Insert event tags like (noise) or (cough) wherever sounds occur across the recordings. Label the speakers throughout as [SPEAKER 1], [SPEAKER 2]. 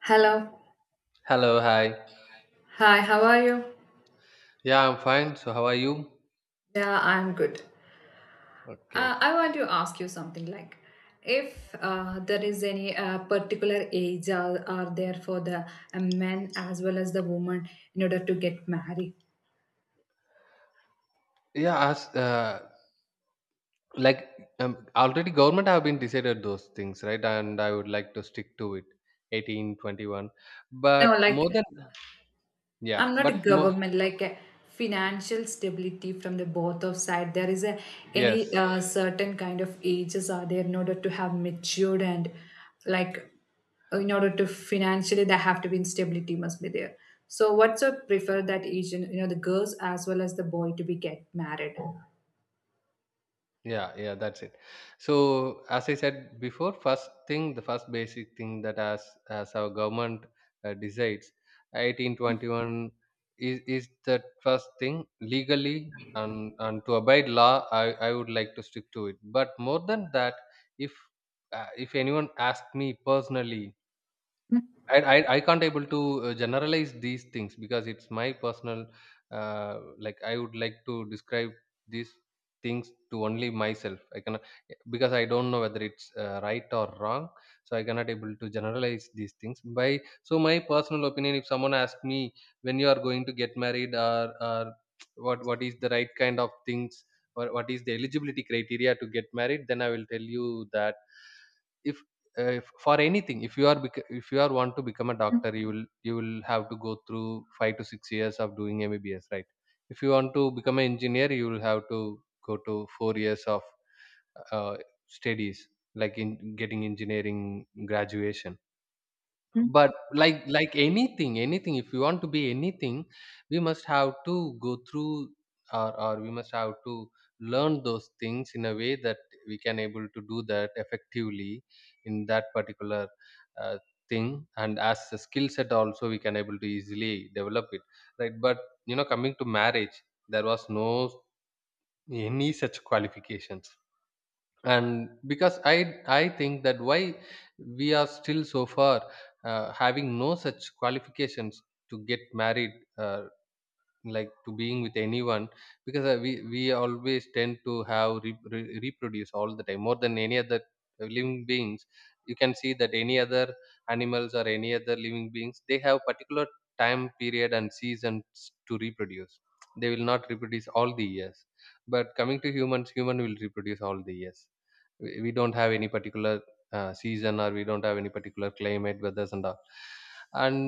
[SPEAKER 1] Hello.
[SPEAKER 2] Hello, hi.
[SPEAKER 1] Hi, how are you?
[SPEAKER 2] Yeah, I'm fine. So, how are you?
[SPEAKER 1] Yeah, I'm good.
[SPEAKER 2] Okay.
[SPEAKER 1] I want to ask you something like if there is any particular age are there for the men as well as the woman in order to get married.
[SPEAKER 2] Yeah, as like already government have been decided those things, right? And I would like to stick to it. 18, 21. But
[SPEAKER 1] No,
[SPEAKER 2] more
[SPEAKER 1] like
[SPEAKER 2] than, yeah,
[SPEAKER 1] I'm not a
[SPEAKER 2] but more,
[SPEAKER 1] government like a financial stability from the both of side. There is a any
[SPEAKER 2] yes.
[SPEAKER 1] certain kind of ages are there in order to have matured and like in order to financially there have to be instability must be there. So what's your prefer that age the girls as well as the boy to be get married?
[SPEAKER 2] Yeah, yeah, that's it. So, as I said before, first thing, the first basic thing that as our government decides, 18, 21 is the first thing legally and to abide law. I would like to stick to it. But more than that, if if anyone asked me personally, I can't able to generalize these things because it's my personal, like I would like to describe these things to only myself. I cannot, because I don't know whether it's right or wrong, so I cannot able to generalize these things by. So my personal opinion, if someone asks me when you are going to get married, or what is the right kind of things, or what is the eligibility criteria to get married, then I will tell you that, if for anything, if you are want to become a doctor, you will have to go through 5 to 6 years of doing mbbs, right? If you want to become an engineer, you will have to go to 4 years of uh, studies, like in getting engineering graduation. But like anything, if you want to be anything, we must have to go through, or we must have to learn those things in a way that we can able to do that effectively in that particular uh, thing, and as a skill set also we can able to easily develop it, right? But coming to marriage, there was no any such qualifications, and because I think that why we are still so far having no such qualifications to get married, uh, like to being with anyone. Because we always tend to have reproduce all the time, more than any other living beings. You can see that any other animals or any other living beings, they have particular time period and seasons to reproduce. They will not reproduce all the years, but coming to humans, human will reproduce all the years. We don't have any particular season, or we don't have any particular climate weathers and all. And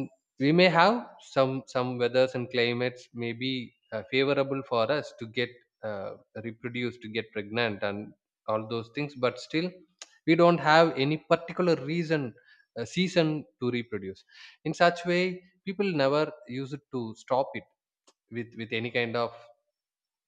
[SPEAKER 2] we may have some weathers and climates, may be favorable for us to get uh, reproduce, to get pregnant and all those things. But still we don't have any particular reason season to reproduce. In such way, people never use it to stop it with any kind of,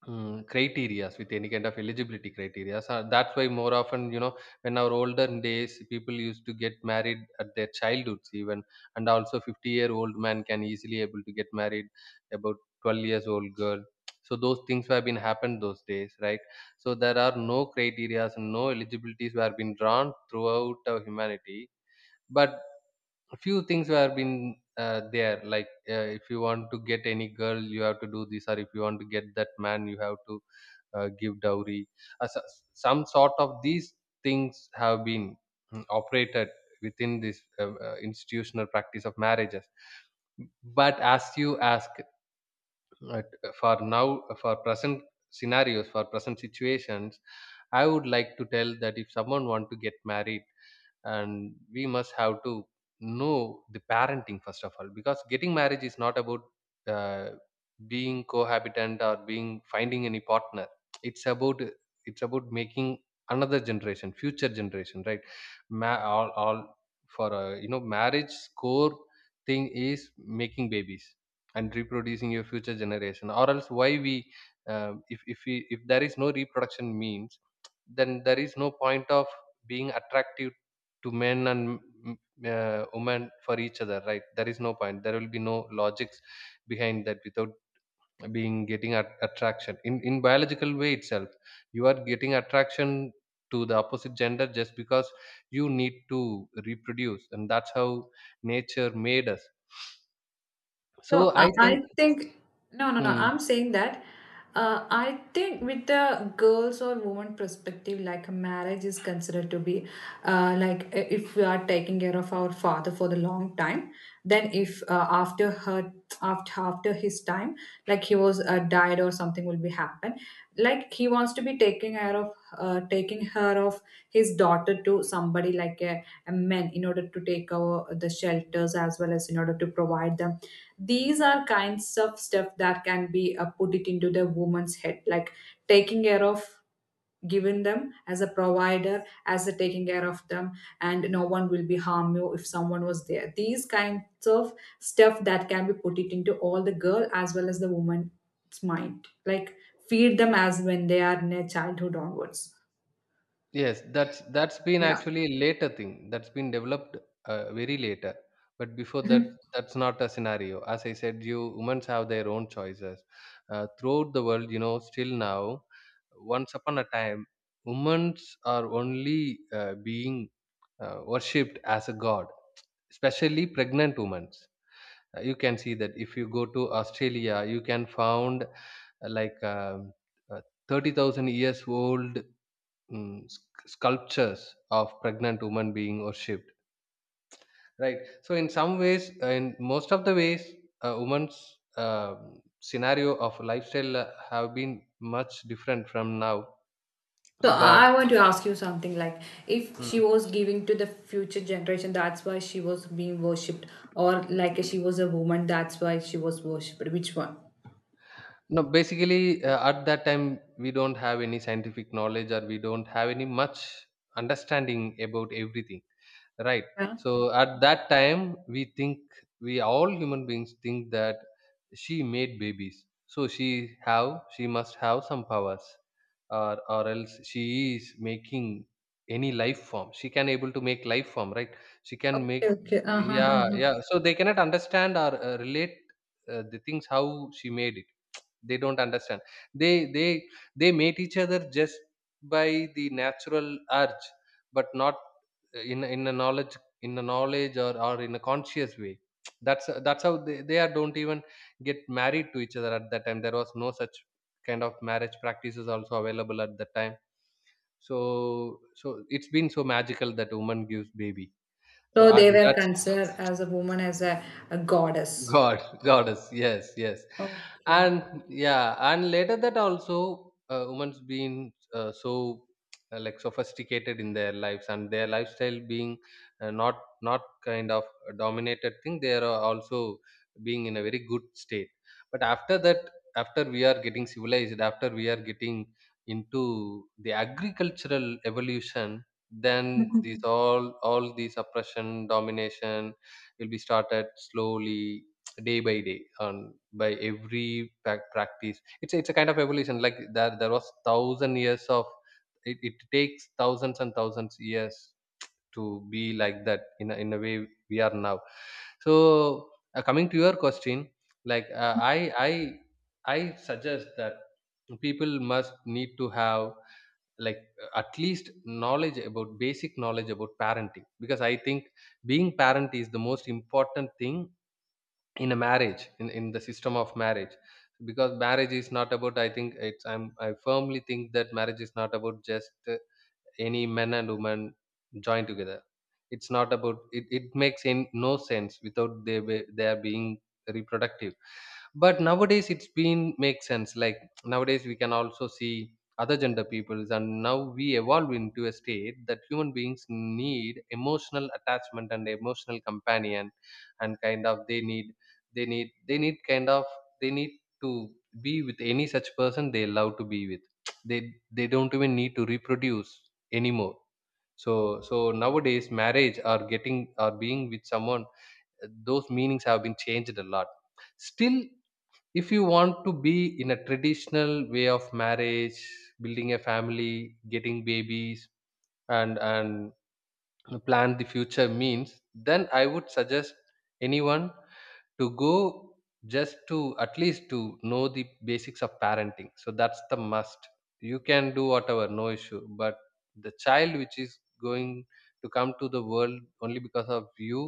[SPEAKER 2] Criterias, with any kind of eligibility criteria. So that's why more often, when our older days, people used to get married at their childhoods even, and also 50-year-old man can easily able to get married about 12 years old girl. So those things have been happened those days, right? So there are no criterias and no eligibilities were been drawn throughout our humanity. But a few things were been there, like if you want to get any girl you have to do this, or if you want to get that man you have to give dowry. Some sort of these things have been, operated within this institutional practice of marriages. But as you ask, uh, for now, for present scenarios, for present situations, I would like to tell that if someone want to get married, and we must have to know the parenting first of all, because getting marriage is not about uh, being cohabitant or being finding any partner. It's about, it's about making another generation, future generation, right? All for, marriage core thing is making babies and reproducing your future generation. Or else, why we if we if there is no reproduction means, then there is no point of being attractive to men and women for each other, right? There is no point, there will be no logics behind that, without being getting at attraction, in biological way itself. You are getting attraction to the opposite gender just because you need to reproduce, and that's how nature made us.
[SPEAKER 1] So
[SPEAKER 2] So I
[SPEAKER 1] I
[SPEAKER 2] think.
[SPEAKER 1] I think. No, no, no.
[SPEAKER 2] hmm,
[SPEAKER 1] I'm saying that I think with the girls or woman perspective, like marriage is considered to be like if we are taking care of our father for the long time, then if after her after his time, like he was died or something will be happen, like he wants to be taking care of taking her of his daughter to somebody like a man in order to take over the shelters as well as in order to provide them. These are kinds of stuff that can be put it into the woman's head like taking care of giving them as a provider as a taking care of them, and no one will be harm you if someone was there these kinds of stuff that can be put it into all the girl as well as the woman's mind like feed them as when they are in their childhood onwards.
[SPEAKER 2] Yes, that's been
[SPEAKER 1] Yeah.
[SPEAKER 2] actually a later thing. That's been developed very later. But before that, that's not a scenario. As I said, you women have their own choices throughout the world. Still now, once upon a time, women are only being worshipped as a god, especially pregnant women. You can see that if you go to Australia, you can found like um, uh, 30,000 years old, sculptures of pregnant women being worshipped, right? So in some ways, in most of the ways, a woman's scenario of lifestyle have been much different from now,
[SPEAKER 1] So
[SPEAKER 2] but
[SPEAKER 1] I want to ask you something like if she
[SPEAKER 2] mm,
[SPEAKER 1] was giving to the future generation, that's why she was being worshipped, or like she was a woman, that's why she was worshipped. Which one?
[SPEAKER 2] no, basically at that time we don't have any scientific knowledge, or we don't have any much understanding about everything. Right.
[SPEAKER 1] Yeah.
[SPEAKER 2] So at that time, we all human beings think that she made babies. So she must have some powers, or else she is making any life form. She can able to make life form, right? She can make.
[SPEAKER 1] Okay. Okay. Uh-huh,
[SPEAKER 2] Yeah,
[SPEAKER 1] uh-huh.
[SPEAKER 2] yeah. So they cannot understand or relate the things how she made it. They don't understand. They they they meet each other just by the natural urge, but not in, in a knowledge or in a conscious way. That's how they are don't even get married to each other at that time. There was no such kind of marriage practices also available at that time. So it's been so magical that woman gives baby, so
[SPEAKER 1] So they were
[SPEAKER 2] that's
[SPEAKER 1] considered as a woman as a goddess.
[SPEAKER 2] god. (laughs) Goddess, yes, yes.
[SPEAKER 1] Okay.
[SPEAKER 2] And yeah, and later that also women's being so like sophisticated in their lives, and their lifestyle being uh, not not kind of a dominated thing. They are also being in a very good state. But after that, after we are getting civilized, after we are getting into the agricultural evolution, then these
[SPEAKER 1] (laughs)
[SPEAKER 2] all these oppression, domination will be started slowly, day by day. And by every practice, it's a kind of evolution, like there was thousand years of it. It takes thousands and thousands years to be like that, in a way we are now. So coming to your question, like i I suggest that people must need to have, like, at least knowledge about, basic knowledge about parenting, because I think being parent is the most important thing in a marriage, in the system of marriage. Because marriage is not about, I think it's I'm I firmly think that marriage is not about just any men and women join together. It's not about, it makes, no sense without they are being reproductive. But nowadays it's been makes sense, like nowadays we can also see other gender peoples, and now we evolve into a state that human beings need emotional attachment and emotional companion, and kind of they need they need kind of they need to be with any such person they love to be with. (tsk) they they don't even need to reproduce anymore. So so nowadays marriage, or getting, or being with someone, those meanings have been changed a lot. Still, if you want to be in a traditional way of marriage, building a family, getting babies, and plan the future means, then I would suggest anyone to go, just to at least to know the basics of parenting. So that's the must. You can do whatever, no issue, but the child which is going to come to the world only because of you,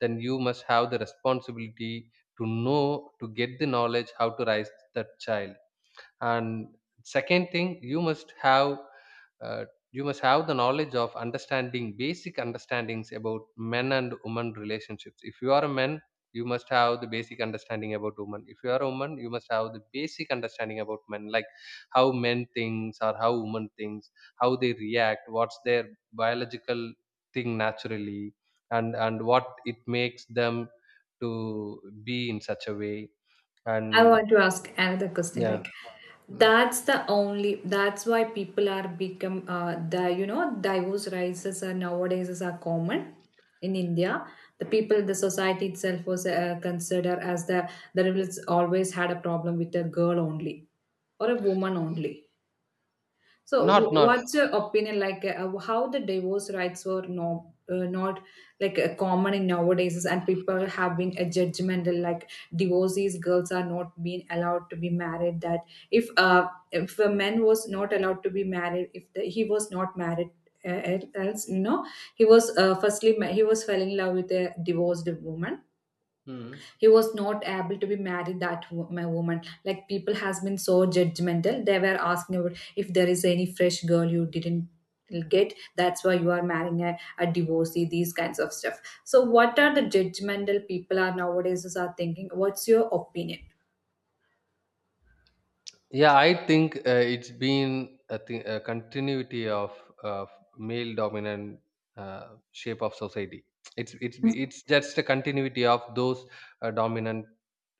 [SPEAKER 2] then you must have the responsibility to know, to get the knowledge how to raise that child. And second thing, uh, you must have the knowledge of understanding, basic understandings about men and women relationships. If you are a man, you must have the basic understanding about women. If you are a woman, you must have the basic understanding about men, like how men thinks, or how women thinks, how they react, what's their biological thing naturally, and what it makes them to be in such a way.
[SPEAKER 1] I
[SPEAKER 2] And
[SPEAKER 1] want to ask another question.
[SPEAKER 2] yeah.
[SPEAKER 1] Like,
[SPEAKER 2] Mm.
[SPEAKER 1] that's the only. That's why people are become the divorce rises are nowadays is are common in India. The people, the society itself was considered as the rebels always had a problem with a girl only or a woman only. So,
[SPEAKER 2] Not, not.
[SPEAKER 1] what's your opinion like how the divorce rights were not not like common in nowadays, and people have been a judgmental like divorcees girls are not being allowed to be married. That if a man was not allowed to be married, if the, he was not married. Else, he was firstly he was fell in love with a divorced woman,
[SPEAKER 2] Mm.
[SPEAKER 1] he was not able to be married that my woman like people has been so judgmental they were asking about if there is any fresh girl you didn't get that's why you are marrying a divorcee these kinds of stuff. So what are the judgmental people are nowadays is are thinking, what's your opinion?
[SPEAKER 2] Yeah, I think it's been a continuity of of male dominant, shape of society. It's just a continuity of those dominant,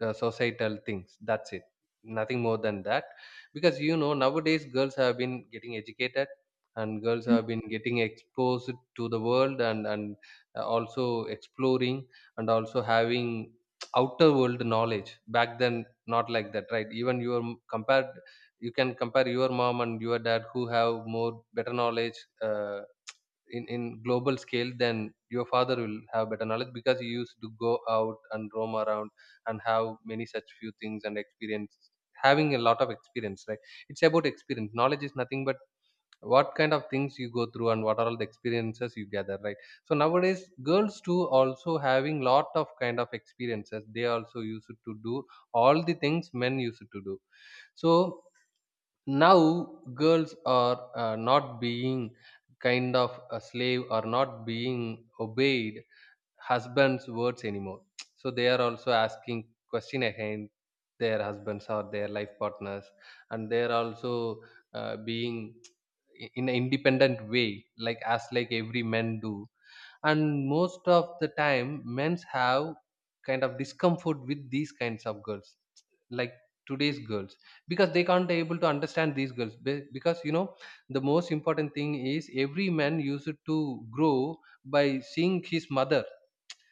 [SPEAKER 2] societal things. That's it. Nothing more than that. Because you know nowadays girls have been getting educated, and girls have been getting exposed to the world, and also exploring, and also having outer world knowledge. Back then, not like that, right? Even your compared, you can compare your mom and your dad, who have more better knowledge, uh, in global scale. Then your father will have better knowledge because he used to go out and roam around and have many such few things and experience, having a lot of experience, right? It's about experience. Knowledge is nothing but what kind of things you go through and what are all the experiences you gather, right? So nowadays girls too also having lot of kind of experiences. They also used to do all the things men used to do. So now girls are not being kind of a slave or not being obeyed husband's words anymore. (tsk) So they are also asking question against their husbands or their life partners, and they are also being in an independent way, like as like every men do. And most of the time, men's have kind of discomfort with these kinds of girls, like today's girls, because they can't able to understand these girls. Because you know, the most important thing is every man used to grow by seeing his mother,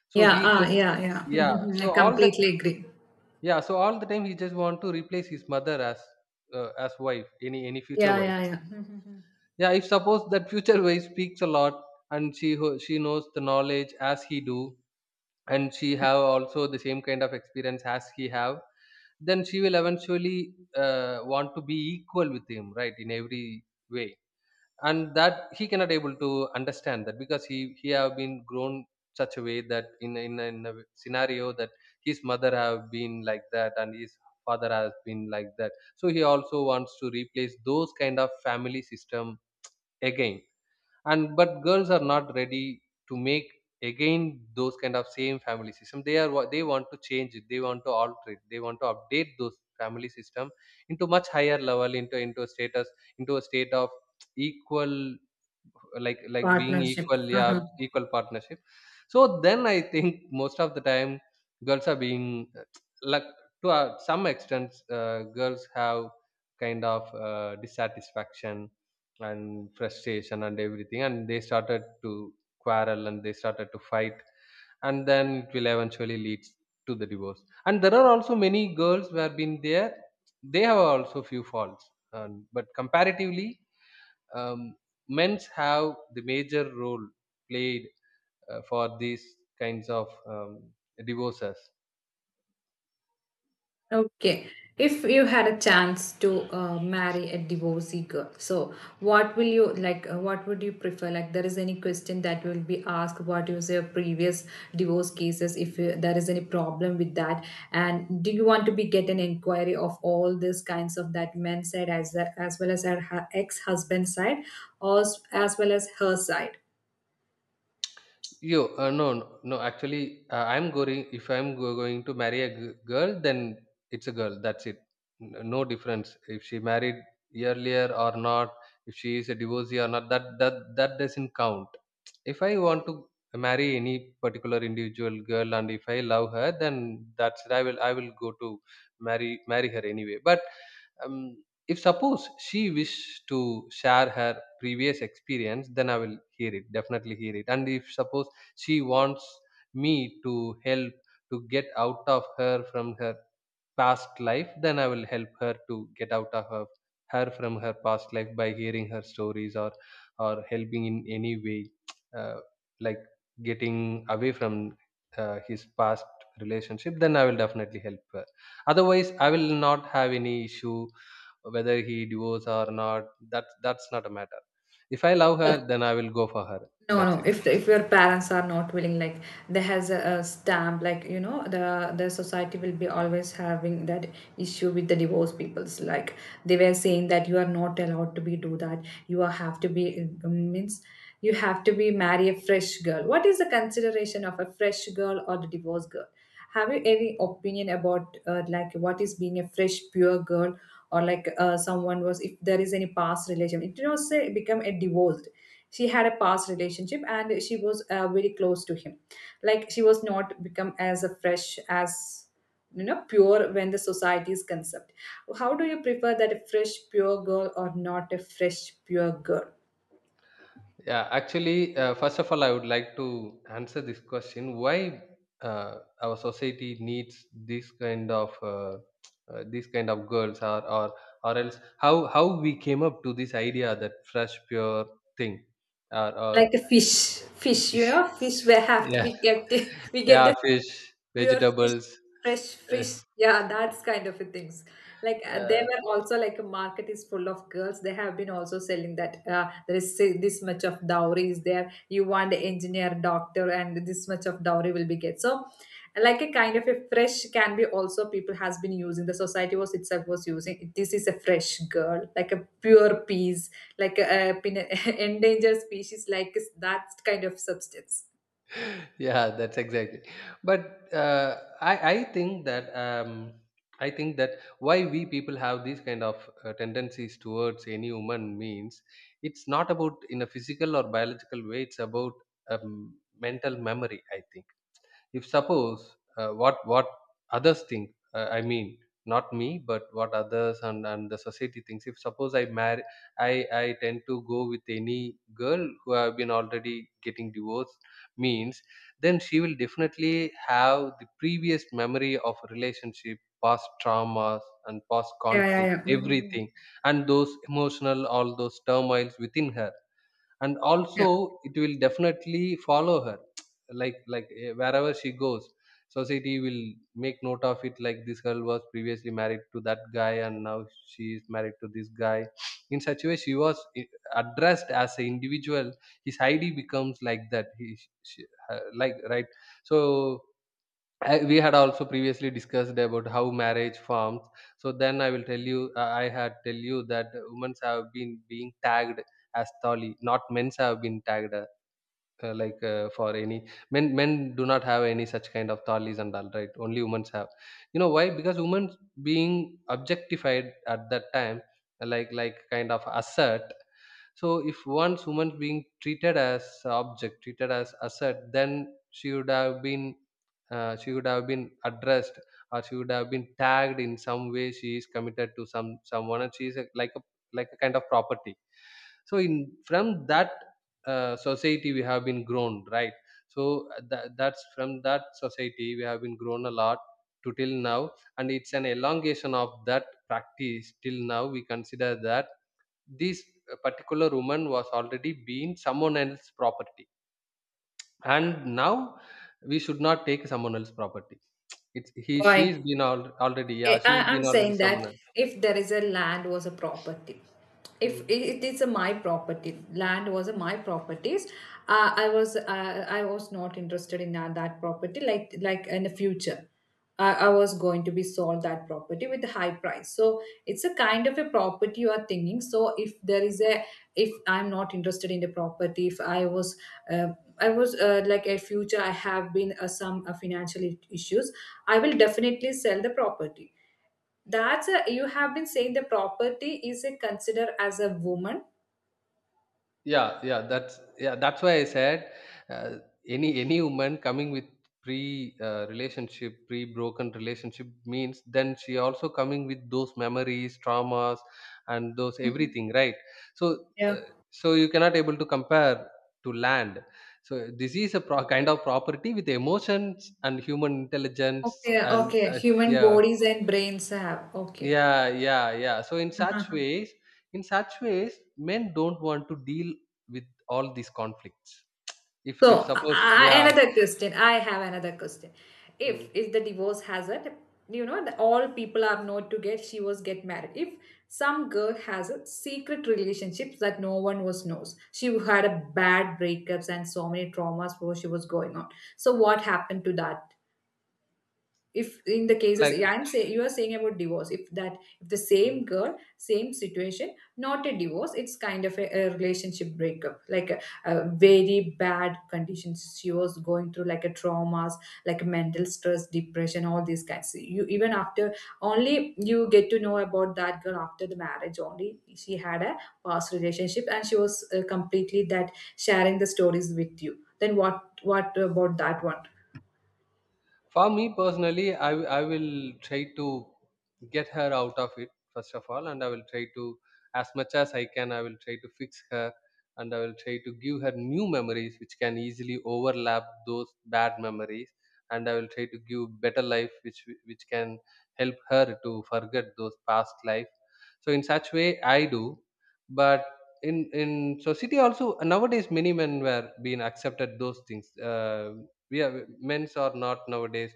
[SPEAKER 2] so
[SPEAKER 1] Yeah,
[SPEAKER 2] he
[SPEAKER 1] ah,
[SPEAKER 2] just.
[SPEAKER 1] yeah, yeah. (laughs) Mhm,
[SPEAKER 2] Yeah,
[SPEAKER 1] mhm. I
[SPEAKER 2] so all the
[SPEAKER 1] completely agree.
[SPEAKER 2] yeah, so all the time he just want to replace his mother as wife, any future
[SPEAKER 1] Yeah,
[SPEAKER 2] wife.
[SPEAKER 1] yeah, yeah. Mhm, mhm.
[SPEAKER 2] Yeah, if suppose that future wife speaks a lot, and she she knows the knowledge as he do, and she have also the same kind of experience as he have, then she will eventually want to be equal with him, right, in every way. And that he cannot able to understand that, because he have been grown such a way that in a scenario that his mother have been like that and his father has been like that. So he also wants to replace those kind of family system again. And but girls are not ready to make again those kind of same family system. They are they want to change it, they want to alter it, they want to update those family system into much higher level, into a status, into a state of equal, like being
[SPEAKER 1] Partnership.
[SPEAKER 2] equal, yeah,
[SPEAKER 1] Uh-huh.
[SPEAKER 2] equal partnership. So then I think (laughs) most of the time, girls are being like, to some extent, girls have kind of dissatisfaction and frustration and everything, and they started to quarrel and they started to fight, and then it will eventually lead to the divorce. And there are also many girls who have been there, they have also few faults, but comparatively, um, men's have the major role played for these kinds of divorces.
[SPEAKER 1] Okay. If you had a chance to marry a divorcee girl, so what will you like? What would you prefer? Like, there is any question that will be asked? What is your previous divorce cases? If there is any problem with that, and do you want to be get an inquiry of all these kinds of that men's side as well as her ex husband side, or as well as her side?
[SPEAKER 2] Yo, no, no, no. Actually, I'm going. If I'm going to marry a girl, then it's a girl. That's it. No difference if she married earlier or not. If she is a divorcee or not, that doesn't count. If I want to marry any particular individual girl, and if I love her, then that's it. I will go to marry her anyway. But if suppose she wish to share her previous experience, then I will hear it, definitely hear it. And if suppose she wants me to help to get out of her from her past life, then I will help her to get out of her from her past life by hearing her stories or helping in any way. (tsk) uh, like getting away from his past relationship, then I will definitely help her. Otherwise I will not have any issue whether he divorce or not. That's not a matter. If I love her,
[SPEAKER 1] So,
[SPEAKER 2] then I will go for her.
[SPEAKER 1] no,
[SPEAKER 2] That's
[SPEAKER 1] no.
[SPEAKER 2] it.
[SPEAKER 1] If your parents are not willing, like there has a stamp, like the society will be always having that issue with the divorce peoples. Like they were saying that you are not allowed to be do that. You are have to be means you have to be marry a fresh girl. What is the consideration of a fresh girl or the divorced girl? Have you any opinion about like what is being a fresh pure girl or like someone was if there is any past relationship, it did not say become a divorced she had a past relationship and she was very close to him like she was not become as a fresh as pure when the society is concept, how do you prefer that a fresh pure girl or not a fresh pure girl?
[SPEAKER 2] Yeah, actually, first of all, I would like to answer this question: why our society needs this kind of these kind of girls, or else how we came up to this idea that fresh, pure thing, or
[SPEAKER 1] Like a fish,
[SPEAKER 2] (laughs)
[SPEAKER 1] fish will have to
[SPEAKER 2] yeah,
[SPEAKER 1] be kept. (laughs) We get
[SPEAKER 2] yeah,
[SPEAKER 1] the
[SPEAKER 2] fish,
[SPEAKER 1] pure fish,
[SPEAKER 2] vegetables. (laughs)
[SPEAKER 1] fresh
[SPEAKER 2] Uh,
[SPEAKER 1] fish. Yeah, that's kind of a things. Like they
[SPEAKER 2] yeah.
[SPEAKER 1] were also like a market is full of girls. They have been also selling that there is say this much of dowry is there. You want engineer, doctor, and this much of dowry will be get. So, like a kind of a fresh can be also people has been using. The society was itself was using. This is a fresh girl, like a pure piece, like a (laughs) endangered species, like that kind of substance.
[SPEAKER 2] Yeah, that's exactly. But uh, I think that I think that why we people have these kind of tendencies towards any woman means, it's not about in a physical or biological way, it's about um, mental memory, I think. If suppose, what others think, I mean not me but what others, and the society thinks. If suppose I marry, I tend to go with any girl who have been already getting divorced, means then she will definitely have the previous memory of relationship, past traumas, and past
[SPEAKER 1] Yeah, yeah,
[SPEAKER 2] conflict,
[SPEAKER 1] yeah. Mhm, mhm.
[SPEAKER 2] everything, and those emotional, all those turmoils within her. And
[SPEAKER 1] Yeah.
[SPEAKER 2] also it will definitely follow her, (tsk) like eh, wherever she goes, society will make note of it, like this girl was previously married to that guy and now she is married to this guy. In such a way she was eh, addressed as an individual. His id becomes like that, he she, like, right? So I, we had also previously discussed about how marriage forms. So then I will tell you, I had tell you that women's have been being tagged as thali, not men's have been tagged, for any men, men do not have any such kind of thalis and all, right? Only women have. You know why? Because women being objectified at that time, like kind of assert. So if once woman being treated as object, treated as asset, then she would have been she would have been addressed, or she would have been tagged in some way, she is committed to someone, and she is like a, like a kind of property. So in, from that society we have been grown, right? So that, that's from that society we have been grown a lot to till now. And it's an elongation of that practice. Till now we consider that this particular woman was already being someone else's property, and now we should not take someone else's property. It's he
[SPEAKER 1] Why?
[SPEAKER 2] she's been already, yeah,
[SPEAKER 1] I,
[SPEAKER 2] she's
[SPEAKER 1] I'm
[SPEAKER 2] been already
[SPEAKER 1] saying
[SPEAKER 2] someone
[SPEAKER 1] that
[SPEAKER 2] else.
[SPEAKER 1] if there is a land was a property, if
[SPEAKER 2] Hmm.
[SPEAKER 1] it is a my property, land was a my properties, I was not interested in that property. Like in the future, I was going to be sold that property with a high price. So it's a kind of a property you are thinking. So if there is a if I'm not interested in the property, if I was uh, I was like a future, I have been some financial issues. I will definitely sell the property. That's a, you have been saying the property is a consider as a woman.
[SPEAKER 2] Yeah, yeah, that's, yeah, that's why I said uh, any woman coming with pre relationship, pre broken relationship means, then she also coming with those memories, traumas, and those
[SPEAKER 1] Mhm.
[SPEAKER 2] everything, right? So uh, so you cannot able to compare to land. So this is a kind of property with emotions and human intelligence.
[SPEAKER 1] Okay,
[SPEAKER 2] And
[SPEAKER 1] okay. Human
[SPEAKER 2] yeah,
[SPEAKER 1] bodies and brains have. Okay.
[SPEAKER 2] yeah, yeah, yeah, so in such ways, in such ways men don't want to deal with all these conflicts. If
[SPEAKER 1] So
[SPEAKER 2] suppose, yeah.
[SPEAKER 1] another question. I have another question. If
[SPEAKER 2] Mm,
[SPEAKER 1] if the divorce has it, the, all people are not to get. She was get married. If some girl has a secret relationship that no one was knows. She had a bad breakups and so many traumas before she was going on. So what happened to that? If in the
[SPEAKER 2] like
[SPEAKER 1] cases, yeah, I'm saying you are saying about divorce if that, if the
[SPEAKER 2] mm.
[SPEAKER 1] same girl same situation not a divorce, it's kind of a relationship breakup like a very bad conditions she was going through like a traumas like mental stress depression all these kinds you even after only you get to know about that girl after the marriage only she had a past relationship and she was completely that sharing the stories with you, then what about that one?
[SPEAKER 2] For me personally, I, I will try to get her out of it first of all, and I will try to, as much as I can, I will try to fix her, and I will try to give her new memories which can easily overlap those bad memories, and I will try to give better life which can help her to forget those past life. So in such way, I do. But in in society also nowadays many men were being accepted those things. We are men's are not nowadays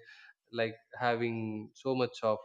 [SPEAKER 2] like having so much of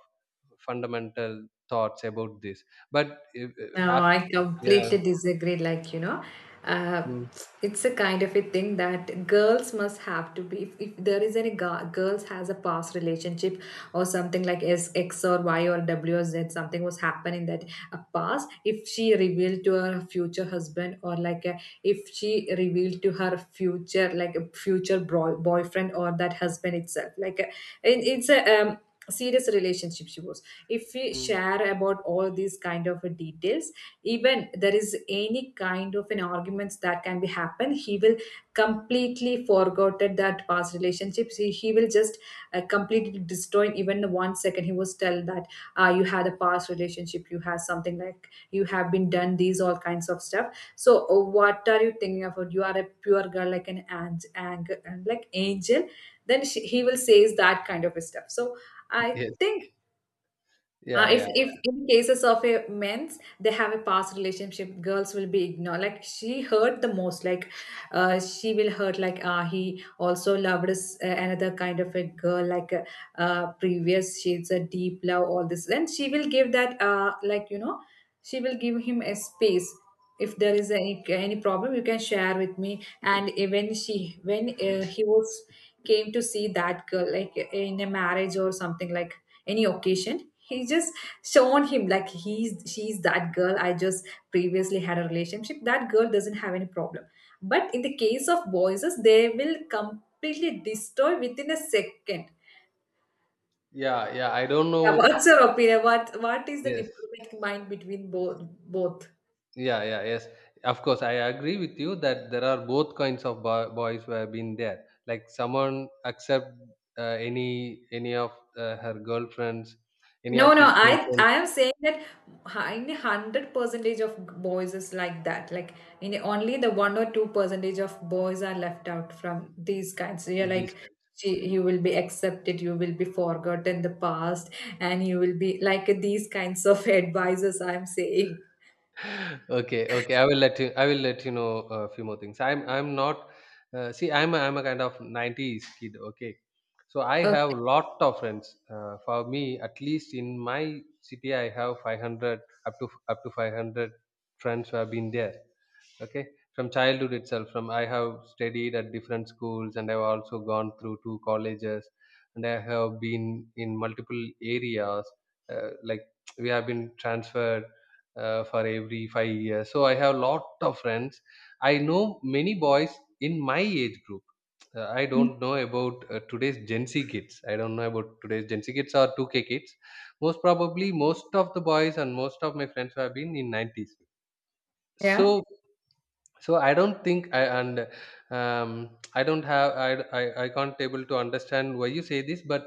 [SPEAKER 2] fundamental thoughts about this. But if,
[SPEAKER 1] No,
[SPEAKER 2] af,
[SPEAKER 1] I
[SPEAKER 2] yeah.
[SPEAKER 1] completely disagree. Like, uh,
[SPEAKER 2] Mm,
[SPEAKER 1] it's a kind of a thing that girls must have to be. If there is any girl, girls has a past relationship or something like S, X or Y or W or Z, something was happened in that past. If she revealed to her future husband or like if she revealed to her future like a future boyfriend or that husband itself, like it's a um, serious relationship she was. If we
[SPEAKER 2] mm.
[SPEAKER 1] share about all these kind of details, even there is any kind of an arguments that can be happen he will completely forgotten that past relationships he will just completely destroy even one second he was tell that you had a past relationship you had something like you have been done these all kinds of stuff so what are you thinking about you are a pure girl like an like angel then he will says that kind of stuff. So I
[SPEAKER 2] Yes,
[SPEAKER 1] think
[SPEAKER 2] yeah,
[SPEAKER 1] if
[SPEAKER 2] yeah,
[SPEAKER 1] if in cases of a men's they have a past relationship girls will be ignored like she hurt the most like she will hurt like ah, he also loved us, another kind of a girl like previous she's a deep love all this then she will give that like she will give him a space. If there is any problem you can share with me, and even she when he was came to see that girl like in a marriage or something like any occasion he just shown him like he's she's that girl I just previously had a relationship, that girl doesn't have any problem, but in the case of boys they will completely destroy within a second.
[SPEAKER 2] yeah, yeah, I don't
[SPEAKER 1] Yeah,
[SPEAKER 2] know.
[SPEAKER 1] what's your opinion, what is the
[SPEAKER 2] Yes,
[SPEAKER 1] diplomatic mind between both?
[SPEAKER 2] yeah, yeah, yes, of course, I agree with you that there are both kinds of boy, boys who have been there, like someone accept any of her girlfriends, any of
[SPEAKER 1] No, no,
[SPEAKER 2] his
[SPEAKER 1] I
[SPEAKER 2] girlfriends.
[SPEAKER 1] I am saying that in hundred percentage of boys is like that. Like in only the one or two percentage of boys are left out from these kinds. So you're
[SPEAKER 2] This.
[SPEAKER 1] like you will be accepted, you will be forgotten the past, and you will be like these kinds of (laughs) advices. I'm saying.
[SPEAKER 2] Okay, okay, I will let you, I will let you know a few more things. I'm not, see, I'm a kind of 90s kid, okay? So I have
[SPEAKER 1] Okay.
[SPEAKER 2] lot of friends. For me at least in my city, I have 500, up to 500 friends who have been there, okay? From childhood itself, from I have studied at different schools, and I've also gone through 2 colleges, and I have been in multiple areas, like, (tsk) we have been transferred for every 5 years. So I have a lot of friends. I know many boys in my age group. I don't
[SPEAKER 1] Mm.
[SPEAKER 2] know about today's gen z kids I don't know about today's gen z kids or 2k kids. Most probably most of the boys and most of my friends have been in 90s. So
[SPEAKER 1] Yeah.
[SPEAKER 2] so I don't think I, and um, I don't have I, I can't able to understand why you say this. But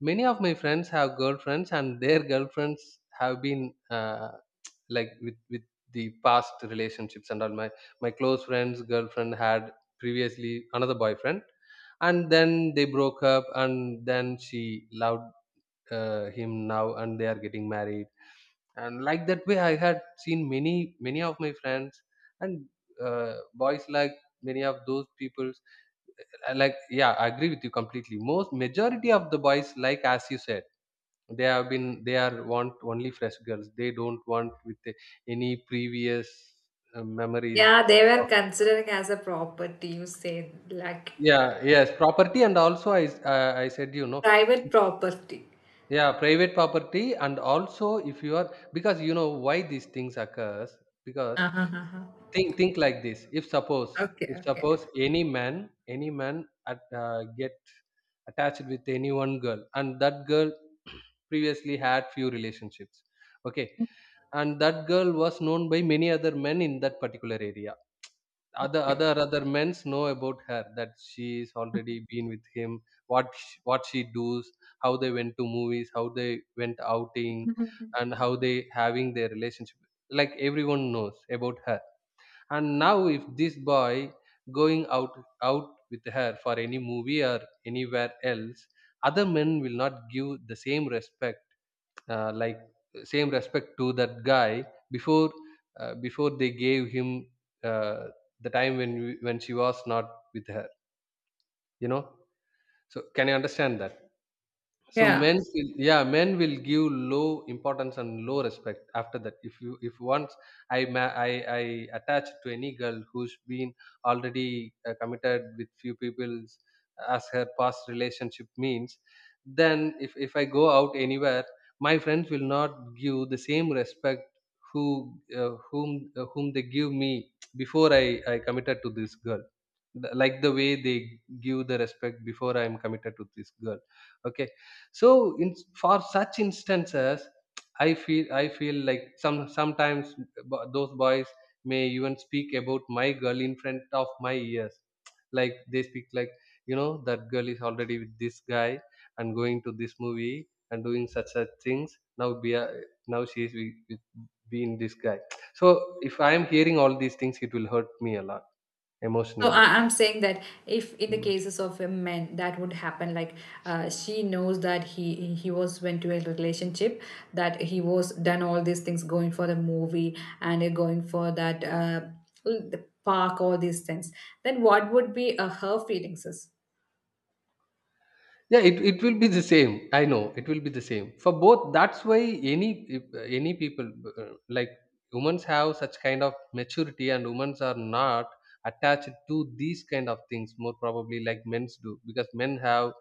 [SPEAKER 2] many of my friends have girlfriends, and their girlfriends have been like with the past relationships. And all my, my close friends girlfriend had previously another boyfriend, and then they broke up, and then she loved him now, and they are getting married. And like That way I had seen many of my friends and boys, like many of those peoples. I like yeah I agree with you completely. Most majority of the boys, like as you said, they have been they are want only fresh girls. They don't want with any previous memories
[SPEAKER 1] Yeah, they were
[SPEAKER 2] of.
[SPEAKER 1] considering as a property. You say like
[SPEAKER 2] Yeah, yes, property. And also I said, you know,
[SPEAKER 1] private property.
[SPEAKER 2] yeah, private property. And also if you are, because you know why these things occurs, because
[SPEAKER 1] Uh-huh. Uh-huh, uh-huh.
[SPEAKER 2] think like this. If suppose
[SPEAKER 1] Okay.
[SPEAKER 2] if
[SPEAKER 1] Okay.
[SPEAKER 2] suppose any man, get attached with any one girl, and that girl (clears throat) previously had few relationships. Okay, and that girl was known by many other men in that particular area.
[SPEAKER 1] Thank
[SPEAKER 2] other
[SPEAKER 1] you.
[SPEAKER 2] other other men's know about her, that she's already been with him. What she does, how they went to movies, how they went outing, and how
[SPEAKER 1] (laughs)
[SPEAKER 2] they having their relationship, like everyone knows about her. And now if this boy going out with her for any movie or anywhere else, other men will not give the same respect, uh, like same respect to that guy before, before they gave him, uh, the time when when she was not with her, you know. So can you understand that? So
[SPEAKER 1] Yeah.
[SPEAKER 2] men will, yeah, men will give low importance and low respect after that. If you, if once I, I attach to any girl who's been already committed with few people as her past relationship means, then if I go out anywhere, my friends will not give the same respect who, whom, whom they give me before I committed to this girl. Like the way they give the respect before I am committed to this girl. Okay, so in for such instances I feel like sometimes those boys may even speak about my girl in front of my ears. Like they speak like, you know, that girl is already with this guy and going to this movie and doing such things now. Now she is with, being this guy. So if I am hearing all these things, it will hurt me a lot
[SPEAKER 1] So
[SPEAKER 2] emotionally.
[SPEAKER 1] I'm saying that if in the cases of a man that would happen, like she knows that he was went to a relationship, that he was done all these things, going for the movie and going for that the park, all these things. Then what would be her feelings? Is
[SPEAKER 2] Yeah, it will be the same. I know it will be the same for both. That's why any any people uh, like women's have such kind of maturity, and women's are not attached to these kind of things more probably like men's do, because men have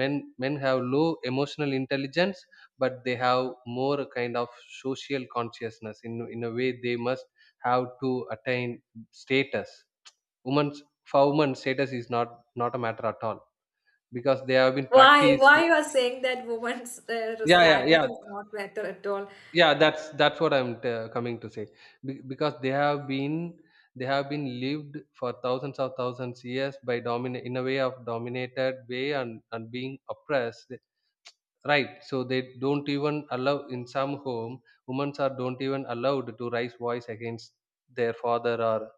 [SPEAKER 2] men have low emotional intelligence, but they have more kind of social consciousness. In a way, they must have to attain status. Women's, for women, status is not a matter at all, because they have been
[SPEAKER 1] why
[SPEAKER 2] practiced.
[SPEAKER 1] why you are saying that woman's
[SPEAKER 2] yeah yeah
[SPEAKER 1] status
[SPEAKER 2] yeah
[SPEAKER 1] is not better at all?
[SPEAKER 2] yeah that's what coming to say. Because they have been, they have been lived for thousands of thousands years by dominate in a way of dominated way, and being oppressed, right? So they don't even allow in some home, women are don't even allowed to raise voice against their father or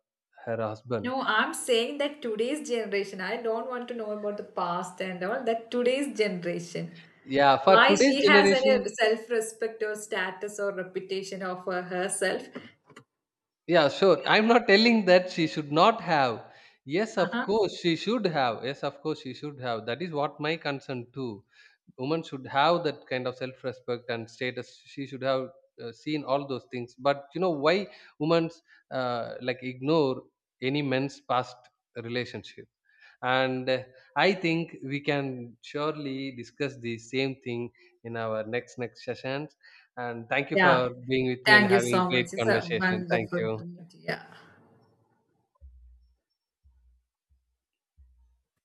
[SPEAKER 2] her husband.
[SPEAKER 1] No, I'm saying that today's generation. I don't want to know about the past and all. That today's generation.
[SPEAKER 2] Yeah, for
[SPEAKER 1] Why
[SPEAKER 2] today's
[SPEAKER 1] she has any
[SPEAKER 2] generation.
[SPEAKER 1] self-respect or status or reputation of her, herself.
[SPEAKER 2] Yeah, sure. I'm not telling that she should not have. Yes, of
[SPEAKER 1] Uh-huh.
[SPEAKER 2] course she should have. Yes, of course she should have. That is what my concern too. Women should have that kind of self-respect and status. She should have seen all those things. But you know why women ignore any men's past relationship? And I think we can surely discuss the same thing in our next sessions. And thank you
[SPEAKER 1] Yeah.
[SPEAKER 2] for being with me and
[SPEAKER 1] Thank you
[SPEAKER 2] having
[SPEAKER 1] so
[SPEAKER 2] great
[SPEAKER 1] much. It's a
[SPEAKER 2] conversation. Thank
[SPEAKER 1] wonderful
[SPEAKER 2] you.
[SPEAKER 1] opportunity. Yeah.